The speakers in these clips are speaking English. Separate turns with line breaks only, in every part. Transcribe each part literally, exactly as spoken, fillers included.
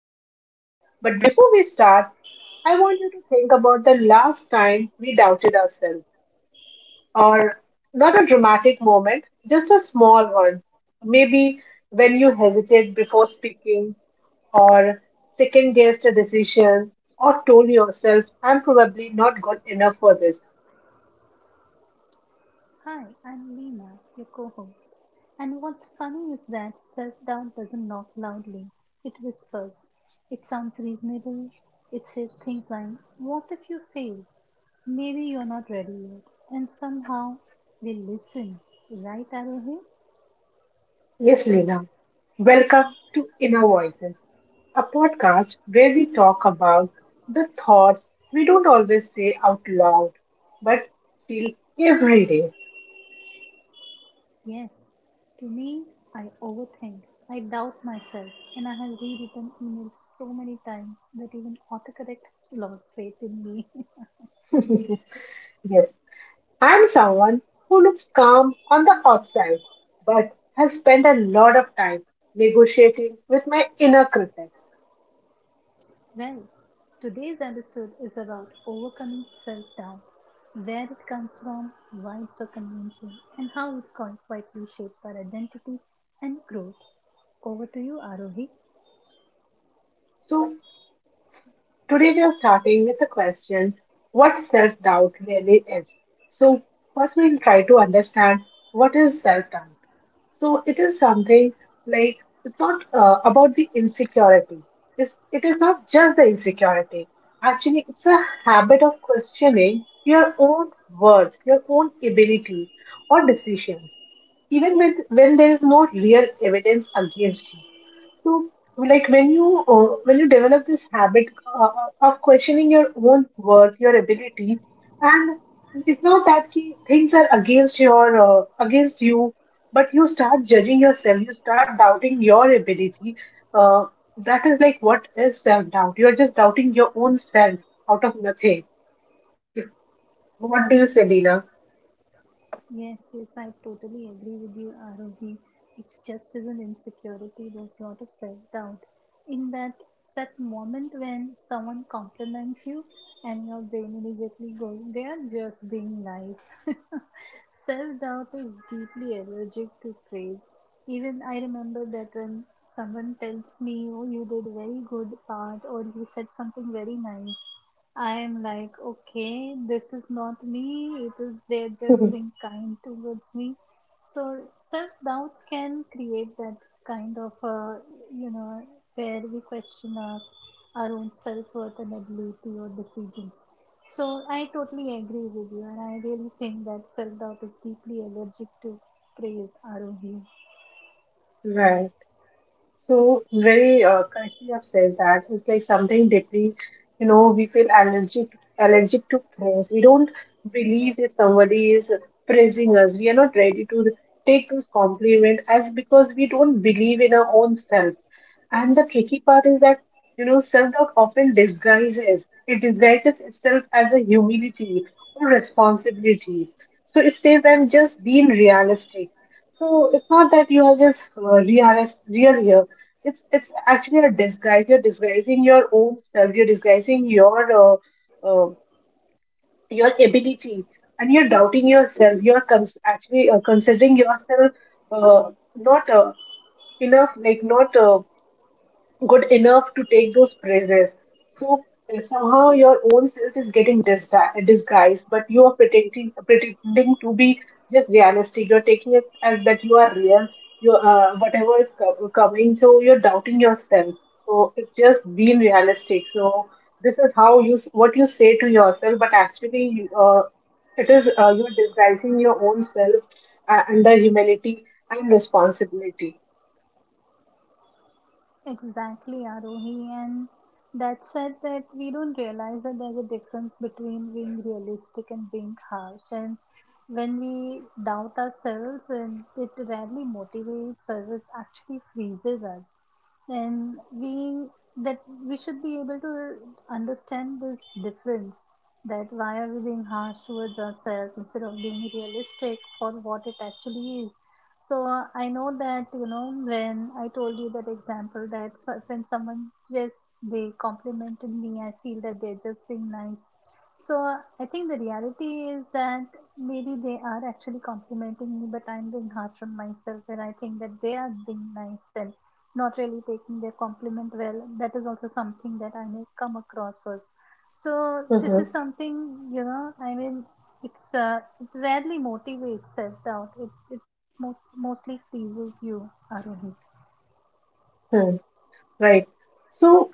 with us. But before we start, I want you to think about the last time we doubted ourselves, or not a dramatic moment, just a small one. Maybe when you hesitated before speaking, or second guessed a decision, or told yourself, I'm probably not good enough for this.
Hi, I'm Lena, your co host. And what's funny is that self doubt doesn't knock loudly, it whispers. It sounds reasonable. It says things like, what if you fail? Maybe you're not ready yet. And somehow we listen. Right, Arohi?
Yes, Leena. Welcome to Inner Voices, a podcast where we talk about the thoughts we don't always say out loud but feel every day.
Yes. To me, I overthink. I doubt myself, and I have rewritten emails so many times that even autocorrect lost faith in me.
Yes, I'm someone who looks calm on the outside but has spent a lot of time negotiating with my inner critics.
Well, today's episode is about overcoming self doubt, where it comes from, why it's so convincing, and how it quite quietly shapes our identity and growth. Over to you, Arohi.
So, today we are starting with the question what self doubt really is. So, first we'll try to understand what is self doubt. So it is something like it's not uh, about the insecurity. It's, it is not just the insecurity. Actually, it's a habit of questioning your own worth, your own ability or decisions, even when, when there is no real evidence against you. So, like when you uh, when you develop this habit uh, of questioning your own worth, your ability, and it's not that ki things are against your uh, against you, but you start judging yourself, you start doubting your ability. Uh, that is like what is self doubt? You are just doubting your own self out of nothing. What do you say, Leela?
Yes, yes, I totally agree with you, Arohi. It's just as an insecurity, there's a lot of self doubt. In that that moment when someone compliments you and your brain immediately goes, they are just being nice. self doubt is deeply allergic to praise. Even I remember that when someone tells me, oh, you did a very good part or you said something very nice, I am like, okay, this is not me. It is, they're just being kind towards me. So self doubts can create that kind of, uh, you know, where we question our, our own self worth and ability or decisions. So I totally agree with you, and I really think that self doubt is deeply allergic to praise, R O V.
Right. So very uh, correctly you have said that it's like something deeply, you know, we feel allergic allergic to praise. We don't believe if somebody is praising us. We are not ready to take those compliment as because we don't believe in our own self. And the tricky part is that you know self doubt often disguises it disguises itself as a humility or responsibility. So it says that just being realistic. So it's not that you are just uh, realist, real here. It's it's actually a disguise. You're disguising your own self. You're disguising your uh, uh, your ability, and you're doubting yourself. You're cons- actually uh, considering yourself uh, not uh, enough, like not uh, good enough to take those praises. So uh, somehow your own self is getting disgu- disguised, but you are pretending pretending to be just realistic. You're taking it as that you are real. You uh, Whatever is co- coming, so you're doubting yourself. So it's just being realistic. So this is how you s- what you say to yourself, but actually you, uh, it is uh, you're disguising your own self uh, under humility and responsibility.
Exactly, Arohi, and that said that we don't realize that there's a difference between being realistic and being harsh. And when we doubt ourselves, and it rarely motivates us, it actually freezes us. And we that we should be able to understand this difference, that why are we being harsh towards ourselves instead of being realistic for what it actually is. So uh, I know that, you know, when I told you that example, that so- when someone just they complimented me, I feel that they're just being nice. So uh, I think the reality is that maybe they are actually complimenting me, but I'm being harsh on myself, and I think that they are being nice and not really taking their compliment well. That is also something that I may come across as. So this is
Mhm.
something, you know. I mean, it's uh, it rarely motivates self doubt. It it mo- mostly freezes you, Arohi.
Hmm. Right. So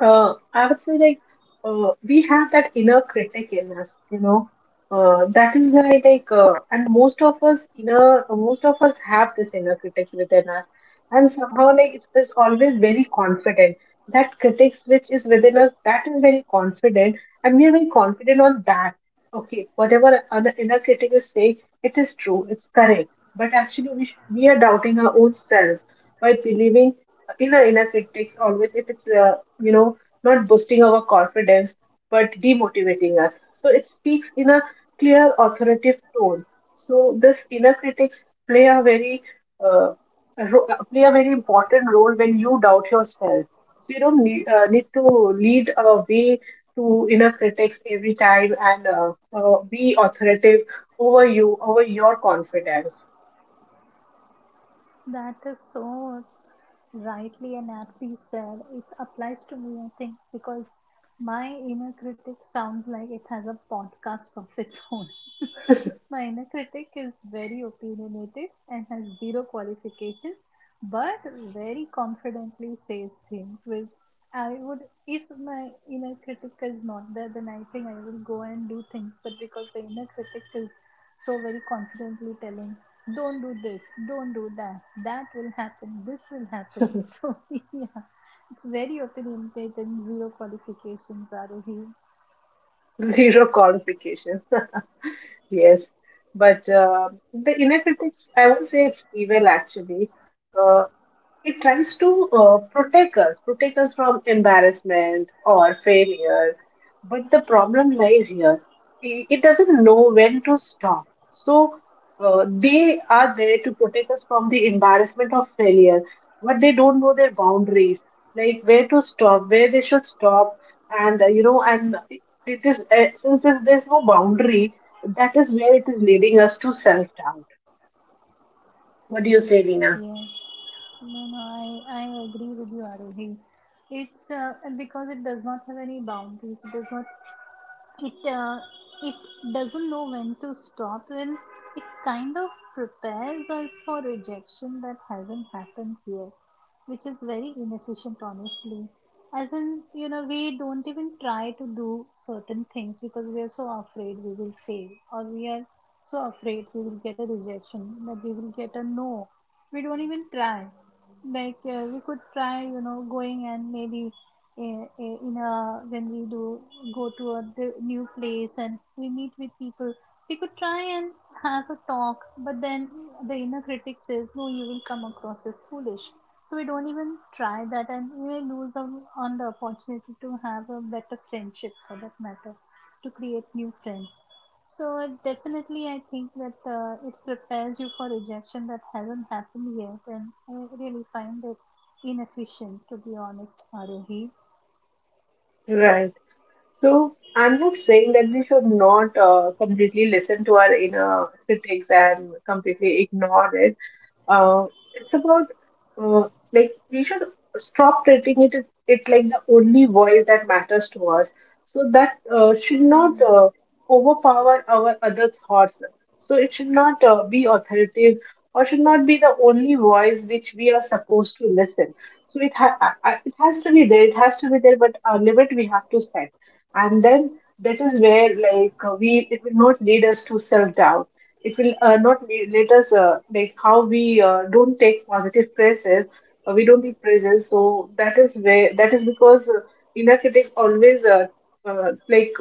Uh, I would say like uh, we have that inner critic in us, you know. Uh, that is why like uh, and most of us inner most of us have this inner critics within us, and somehow like it is always very confident. That critics which is within us, that is very confident, and we are very confident on that. Okay, whatever other inner critic is saying, it is true, it's correct. But actually, we sh- we are doubting our own selves by believing in our inner critics always if it's uh, you know, not boosting our confidence, but demotivating us. So it speaks in a clear, authoritative tone. So this inner critics play a very uh, a ro- uh, play a very important role when you doubt yourself. So you don't need, uh, need to lead a way to inner critics every time and uh, uh, be authoritative over you, over your confidence.
That is so rightly and aptly said. It applies to me, I think, because my inner critic sounds like it has a podcast of its own. My inner critic is very opinionated and has zero qualification, but very confidently says things which I would, if my inner critic is not there, then I think I will go and do things. But because the inner critic is so very confidently telling, don't do this, don't do that, that will happen, this will happen. So, yeah, it's very opinionated and zero qualifications, Arohi.
Zero qualifications. Yes, but uh, the inner critics, I won't say it's evil actually. Uh, it tries to uh, protect us, protect us from embarrassment or failure. But the problem lies here. I- It doesn't know when to stop. So uh, they are there to protect us from the embarrassment of failure, but they don't know their boundaries, like where to stop, where they should stop, and uh, you know, and it is uh, since there's there's no boundary, that is where it is leading us to self doubt. What do you say, Lina?
Yes, no, no, I, I agree with you, Arohi. It's uh, Because it does not have any boundaries, it does not it uh, it doesn't know when to stop, and it kind of prepares us for rejection that hasn't happened yet, which is very inefficient, honestly. As in, you know, we don't even try to do certain things because we are so afraid we will fail, or we are so afraid we will get a rejection, that we will get a no, we don't even try. Like uh, we could try, you know, going and maybe i- i- in a, when we do go to a the new place and we meet with people, we could try and have a talk. But then the inner critic says, no, you will come across as foolish, so we don't even try that, and we may lose on, on the opportunity to have a better friendship, for that matter, to create new friends. So definitely I think that uh, it prepares you for rejection that hasn't happened yet, and I really find it inefficient, to be honest, Arohi.
Right. So I'm just saying that we should not uh, completely listen to our inner critics and completely ignore it uh, it's about uh, like we should stop treating it it like the only voice that matters to us, so that uh, should
Hmm.
not uh, overpower our other thoughts. So it should not uh, be authoritative or should not be the only voice which we are supposed to listen. So it ha- I- I- it has to be there, it has to be there, but a limit we have to set. And then that is where like uh, we it will not lead us to self doubt. It will uh, not be, let us uh, like how we uh, don't take positive praises. Uh, we don't give praises. So that is where that is because uh, inner critics always uh, uh, like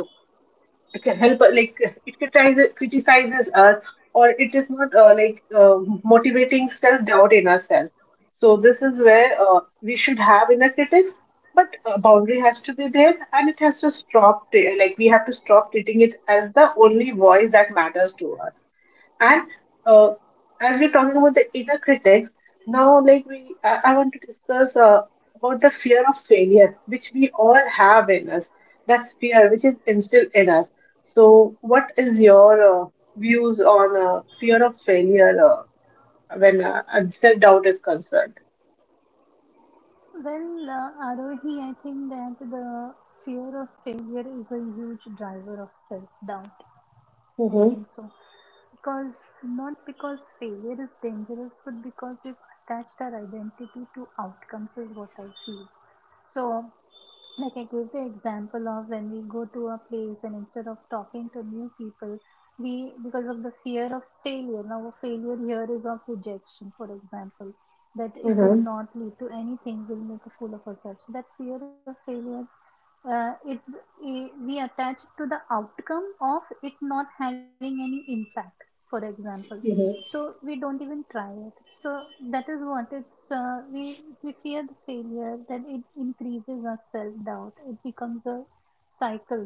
can help uh, like it criticizes criticizes us, or it is not uh, like uh, motivating self doubt in ourselves. So this is where uh, we should have inner critics, but a boundary has to be there, and it has to stop. Like we have to stop treating it as the only voice that matters to us. And uh, as we're talking about the inner critic, now like we, I, I want to discuss uh, about the fear of failure, which we all have in us. That's fear, which is instilled in us. So, what is your uh, views on uh, fear of failure uh, when uh, self doubt is concerned?
Well, uh, Arohi, I think that the fear of failure is a huge driver of self doubt. I
Mm-hmm,
think so. Because, not because failure is dangerous, but because we've attached our identity to outcomes, is what I feel. So, like I gave the example of when we go to a place and instead of talking to new people, we, because of the fear of failure. Now, failure here is of rejection, for example, that it will
mm-hmm,
not lead to anything, will make a fool of ourselves. So that fear of failure, uh, it i- we attach to the outcome of it not having any impact, for example. So
mm-hmm.
we don't even try it. So that is what it's uh, we we fear the failure, that it increases our self doubt it becomes a cycle.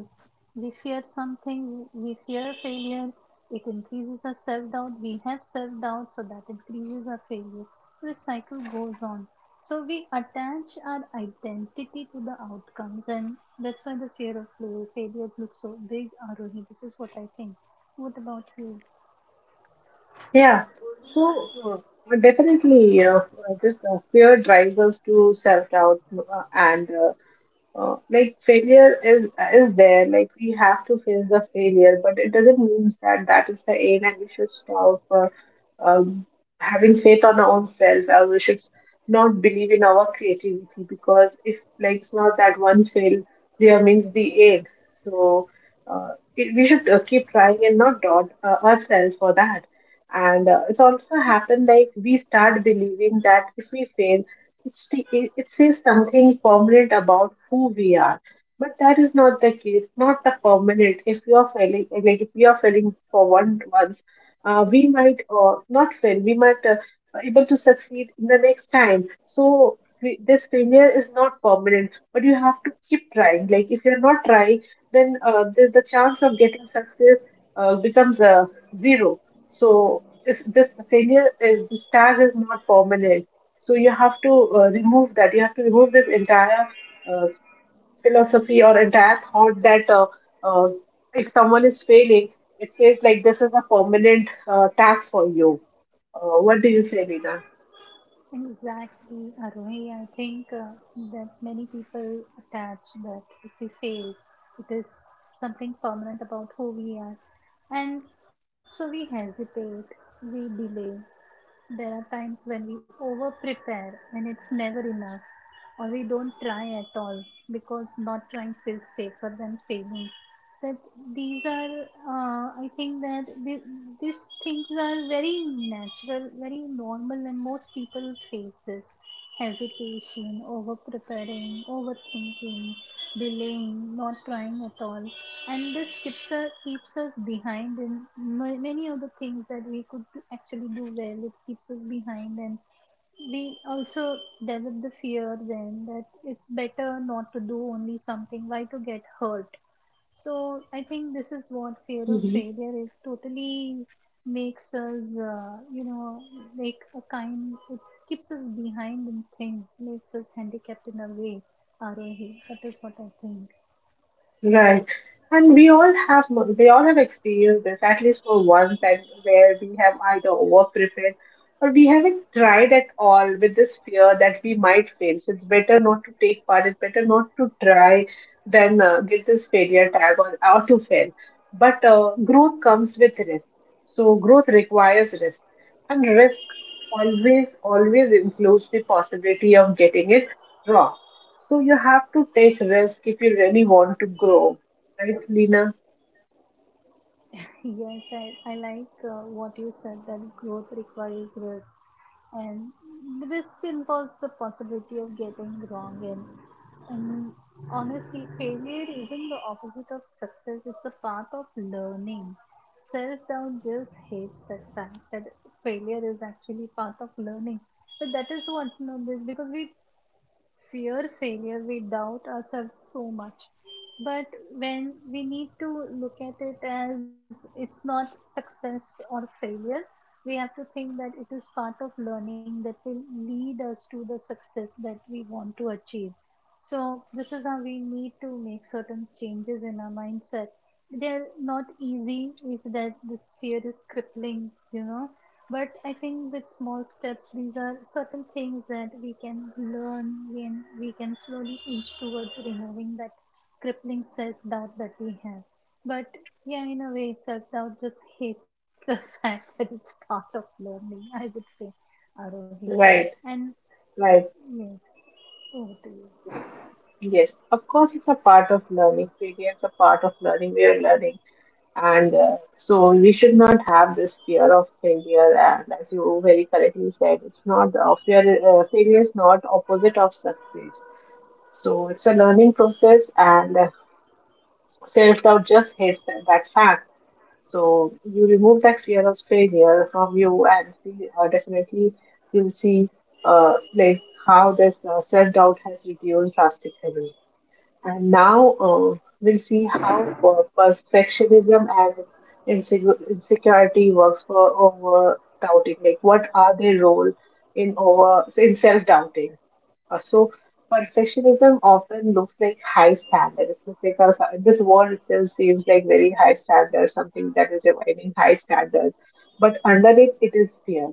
We fear something, we fear failure, it increases our self doubt we have self doubt so that increases our failure, this cycle goes on. So we attach our identity to the outcomes, and that's why the fear of fail- failures looks so big, Arohi. This is what I think. What about you?
Yeah. So uh, definitely, uh, uh, this uh, fear drives us to self doubt, uh, and uh, Uh, like failure is is there. Like we have to face the failure, but it doesn't mean that that is the aim and we should stop uh, um, having faith on our own self, or we should not believe in our creativity, because if like it's not that one fail there means the aim. So uh, it, we should uh, keep trying and not doubt uh, ourselves for that. And uh, it's also happened like we start believing that if we fail, it's the, it it says something permanent about who we are, but that is not the case. Not the permanent. If you are failing, like if we are failing for one once, uh, we might uh, not fail. We might uh, able to succeed in the next time. So fa- this failure is not permanent, but you have to keep trying. Like if you're not trying, then uh, the, the chance of getting success uh, becomes uh, zero. So is this failure is this tag is not permanent, so you have to uh, remove that. You have to remove this entire uh, philosophy or entire thought that uh, uh, if someone is failing, it says like this is a permanent uh, tax for you. Uh, what do you say, Vina?
Exactly, Arohi. I think uh, that many people attach that if we fail, it is something permanent about who we are, and so we hesitate, we delay. There are times when we over prepare and it's never enough, or we don't try at all because not trying feels safer than failing. That these are, uh, I think that th- these things are very natural, very normal, and most people face this hesitation, over preparing, overthinking, delaying, not trying at all. And this keeps us, keeps us behind in ma- many of the things that we could do- actually do well. It keeps us behind, and we also develop the fear then that it's better not to do only something, why to get hurt. So I think this is what fear of failure is, totally makes us, uh, you know, like a kind, it keeps us behind in things, makes us handicapped in a way. R O E. That is what I think.
Right. And we all have we all have experienced this at least for one time where we have either over prepared, or we haven't tried at all with this fear that we might fail. So it's better not to take part. It's better not to try than uh, get this failure tag, or, or to fail. But uh, growth comes with risk. So growth requires risk, and risk always always includes the possibility of getting it wrong, so you have to take risk if you really want to grow, right, Lina?
Yes, I, I like uh, what you said, that growth requires risk, and the risk involves the possibility of getting wrong. And, and honestly, failure isn't the opposite of success, it's the path of learning. Self doubt just hates that fact, that failure is actually part of learning. But that is what, you know, this, because we fear failure, we doubt ourselves so much. But when we need to look at it as it's not success or failure, we have to think that it is part of learning that will lead us to the success that we want to achieve. So, this is how we need to make certain changes in our mindset. They're not easy, if that, this fear is crippling, you know, but I think with small steps, these are certain things that we can learn, and we can slowly inch towards removing that crippling self doubt that we have. But yeah, in a way, self doubt just hates the fact that it's part of learning, I would say, Arohi.
Right,
And
right.
yes, over to you.
Yes, of course, it's a part of learning. Failure is a part of learning. We are learning, and uh, so we should not have this fear of failure. And as you very correctly said, it's not uh, fear. Uh, failure is not opposite of success. So it's a learning process, and uh, self doubt just hates that. That's fact. So you remove that fear of failure from you, and see, uh, definitely you'll see uh, like how this uh, self doubt has reduced drastically. And now uh, we'll see how per- perfectionism and insecure- insecurity works for over doubting. Like what are their role in over in self doubting? Uh, so perfectionism often looks like high standards because uh, this word itself seems like very high standard, something that is demanding high standard. But underneath it is fear.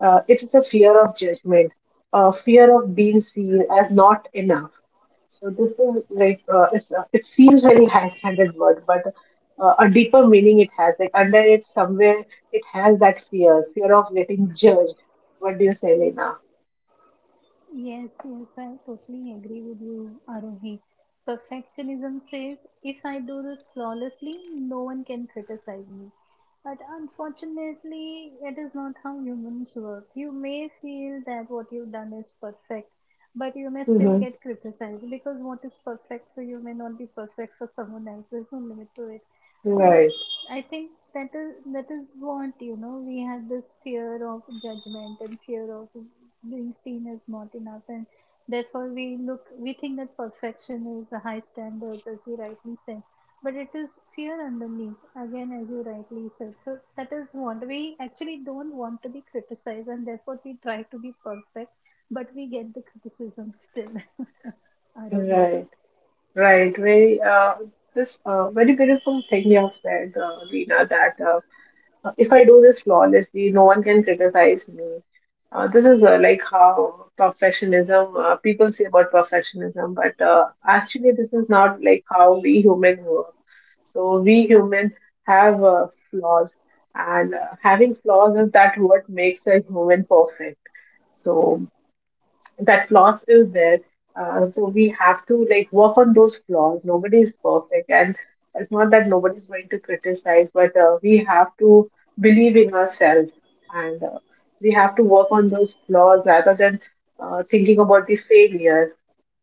Uh, it is a fear of judgment, a fear of being seen as not enough. So this is like uh, it's, uh, it seems very high standard word, but uh, a deeper meaning it has. Like under it somewhere it has that fear, fear of getting judged. What do you say, Lena?
Yes, yes, I totally agree with you, Arohi. Perfectionism says, if I do this flawlessly, no one can criticize me. But unfortunately, it is not how humans work. You may feel that what you've done is perfect, but you may still
Mm-hmm.
get criticized, because what is perfect for you may not be perfect for someone else. There's no limit to it. So
Right.
I think that is that is what, you know, we had this fear of judgment and fear of being seen as not enough, and therefore we look we think that perfection is a high standards, as you rightly said, but it is fear underneath, again, as you rightly said. So that is what, we actually don't want to be criticized, and therefore we try to be perfect, but we get the criticism still. Arohi,
Right, right. Very uh, this uh, very beautiful thing you have said, uh, Lina. That uh, if I do this flawlessly, no one can criticize me. Uh, this is uh, like how perfectionism. Uh, people say about perfectionism, but uh, actually, this is not like how we human work. So we humans have uh, flaws, and uh, having flaws is that what makes a human perfect. So that flaws is there. Uh, so we have to like work on those flaws. Nobody is perfect, and it's not that nobody's going to criticize, but uh, we have to believe in ourselves, and uh, we have to work on those flaws rather than uh, thinking about the failure.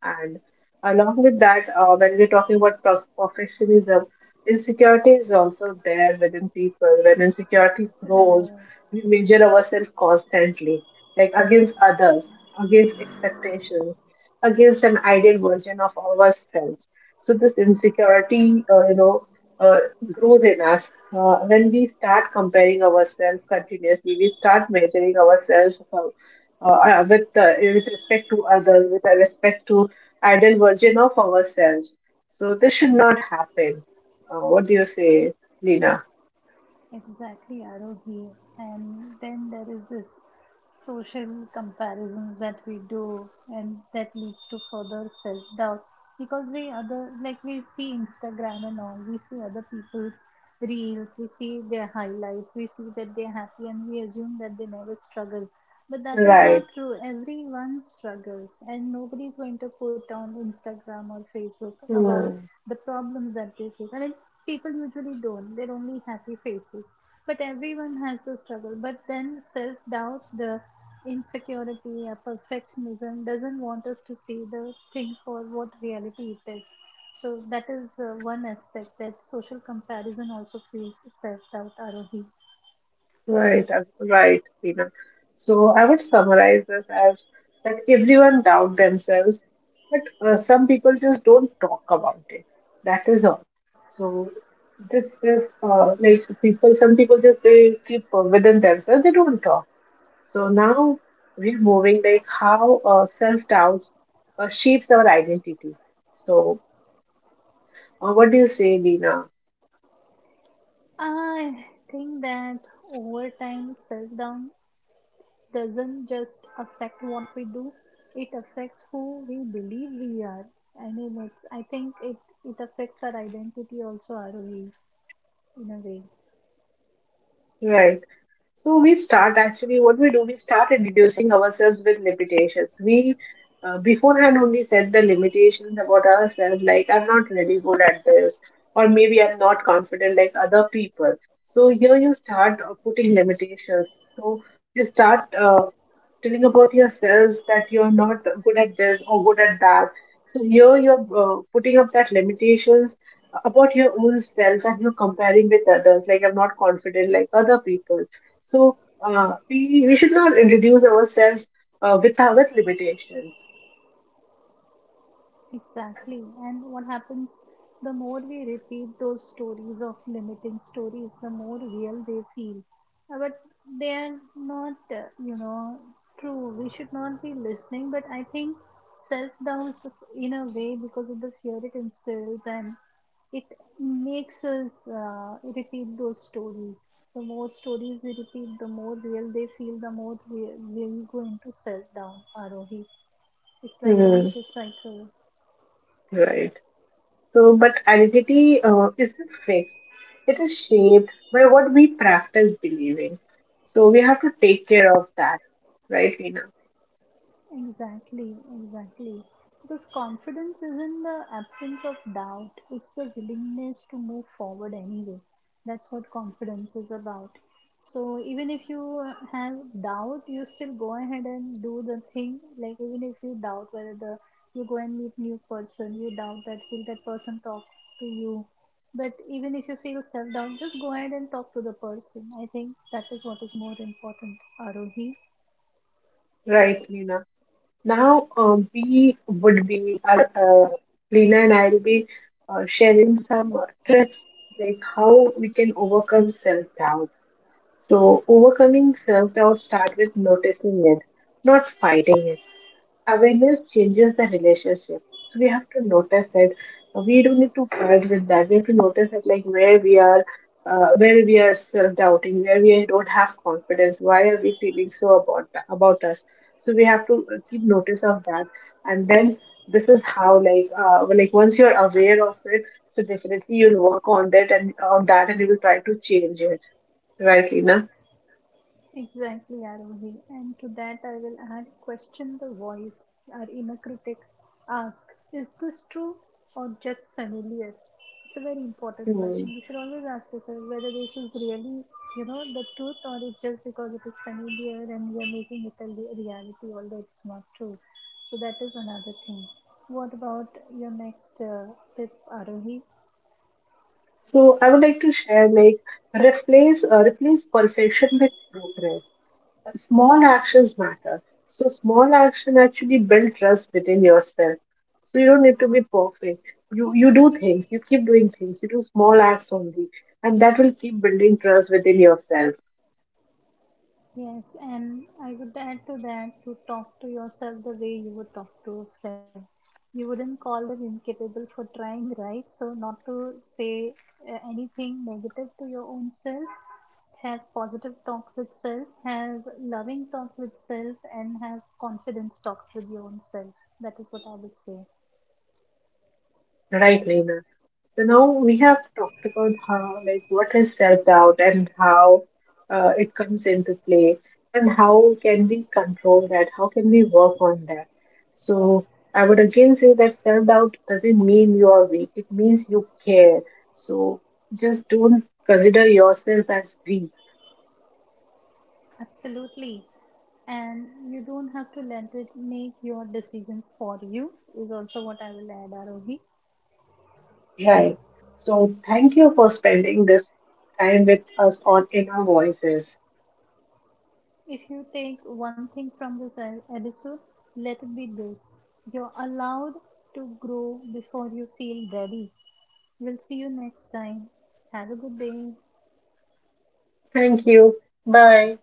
And along with that, uh, when we're talking about pro- perfectionism, insecurity is also there within people. When insecurity
right.
grows, we measure ourselves constantly, like against others, against expectations, against an ideal version of ourselves. So this insecurity, uh, you know, uh, grows in us uh, when we start comparing ourselves continuously. We start measuring ourselves uh, uh, with uh, with respect to others, with respect to ideal version of ourselves. So this should not happen. Uh, what do you say, Lina?
Exactly, Arogi. And then there is this social comparisons that we do, and that leads to further self-doubt, because we other, like we see Instagram and all, we see other people's reels, we see their highlights, we see that they're happy, and we assume that they never struggle. But that is not
Right.
true. Everyone struggles, and nobody's going to put on Instagram or Facebook about
Hmm.
the problems that they face. I mean, people usually don't, they're only happy faces, but everyone has the struggle. But then self doubt the insecurity, a perfectionism doesn't want us to see the thing for what reality it is. So that is, uh, one aspect, that social comparison also creates self doubt arohi.
Right. uh, Right, Lina. So I would summarize this as that everyone doubt themselves, but uh, some people just don't talk about it. That is all. So this is uh, like people. Some people just they keep uh, within themselves. They don't talk. So now we're moving like how uh, self doubts uh, shapes our identity. So uh, what do you say, Dina?
I think that over time, self doubt doesn't just affect what we do, it affects who we believe we are. I mean, it's, I think it, it affects our identity also, our way, in a way.
Right. So we start actually what we do. We start reducing ourselves with limitations. We uh, beforehand only set the limitations about ourselves, like I'm not really good at this, or maybe I'm not confident like other people. So here you start uh, putting limitations. So you start uh, telling about yourself that you're not good at this or good at that. So here you're uh, putting up that limitations about your own self that you're comparing with others. Like I'm not confident like other people. So uh, we we should not introduce ourselves uh, with our with limitations.
Exactly. And what happens, the more we repeat those stories of limiting stories, the more real they feel. Uh, but they are not, uh, you know true. We should not be listening, but I think self doubt in a way, because of the fear it instills, and it makes us uh, repeat those stories. The more stories we repeat, the more real they feel, the more we we are going to sell down, R O V. It's like a
Hmm.
vicious cycle.
Right. So, but identity uh, isn't fixed. It is shaped by what we practice believing. So we have to take care of that, right, Lina.
Exactly, exactly. Because confidence isn't the absence of doubt, it's the willingness to move forward anyway. That's what confidence is about. So, even if you uh, have doubt, you still go ahead and do the thing. Like, even if you doubt whether the, you go and meet new person, you doubt that will that person talk to you. But even if you feel self doubt, just go ahead and talk to the person. I think that is what is more important, Arohi.
Right, Lina. Now, um, we would be, uh, uh, Lena and I'll be uh, sharing some uh, tips like how we can overcome self doubt. So, overcoming self doubt start with noticing it, not fighting it. Awareness changes the relationship. So we have to notice that we don't need to fight with that. We have to notice that like where we are, uh, where we are self-doubting, where we don't have confidence. Why are we feeling so about tha- about us? So we have to keep notice of that, and then this is how like uh, well, like once you're aware of it, so definitely you'll work on that and on that, and you will try to change it. Right, Lina?
Exactly, Arohi. And to that, I will add, question the voice, our inner critic. Ask, is this true or just familiar? It's a very important question.
Hmm.
We should always ask ourselves whether this is really, you know, the truth, or it's just because it is familiar and we are making it a le- reality, although it's not true. So that is another thing. What about your next uh, tip, Arohi?
So I would like to share like replace uh, replace perfection with progress. Uh, Small actions matter. So small action actually build trust within yourself. So you don't need to be perfect. You you do things. You keep doing things. You do small acts only, and that will keep building trust within yourself.
Yes, and I would add to that, to talk to yourself the way you would talk to a friend. You wouldn't call them incapable for trying, right? So, not to say uh, anything negative to your own self, have positive talks with self, have loving talk with self, and have confidence talks with your own self. That is what I would say.
Right, Lena? So now we have talked about how, like, what is self doubt and how uh, it comes into play, and how can we control that? How can we work on that? So I would again say that self doubt doesn't mean you are weak. It means you care. So just don't consider yourself as weak,
Absolutely. And you don't have to let it make your decisions for you, is also what I will add, Arohi.
right? So thank you for spending this time with us on Inner Voices.
If you take one thing from this e- episode, let it be this: you're allowed to grow before you feel ready. We'll see you next time. Have a good day.
Thank you. Bye.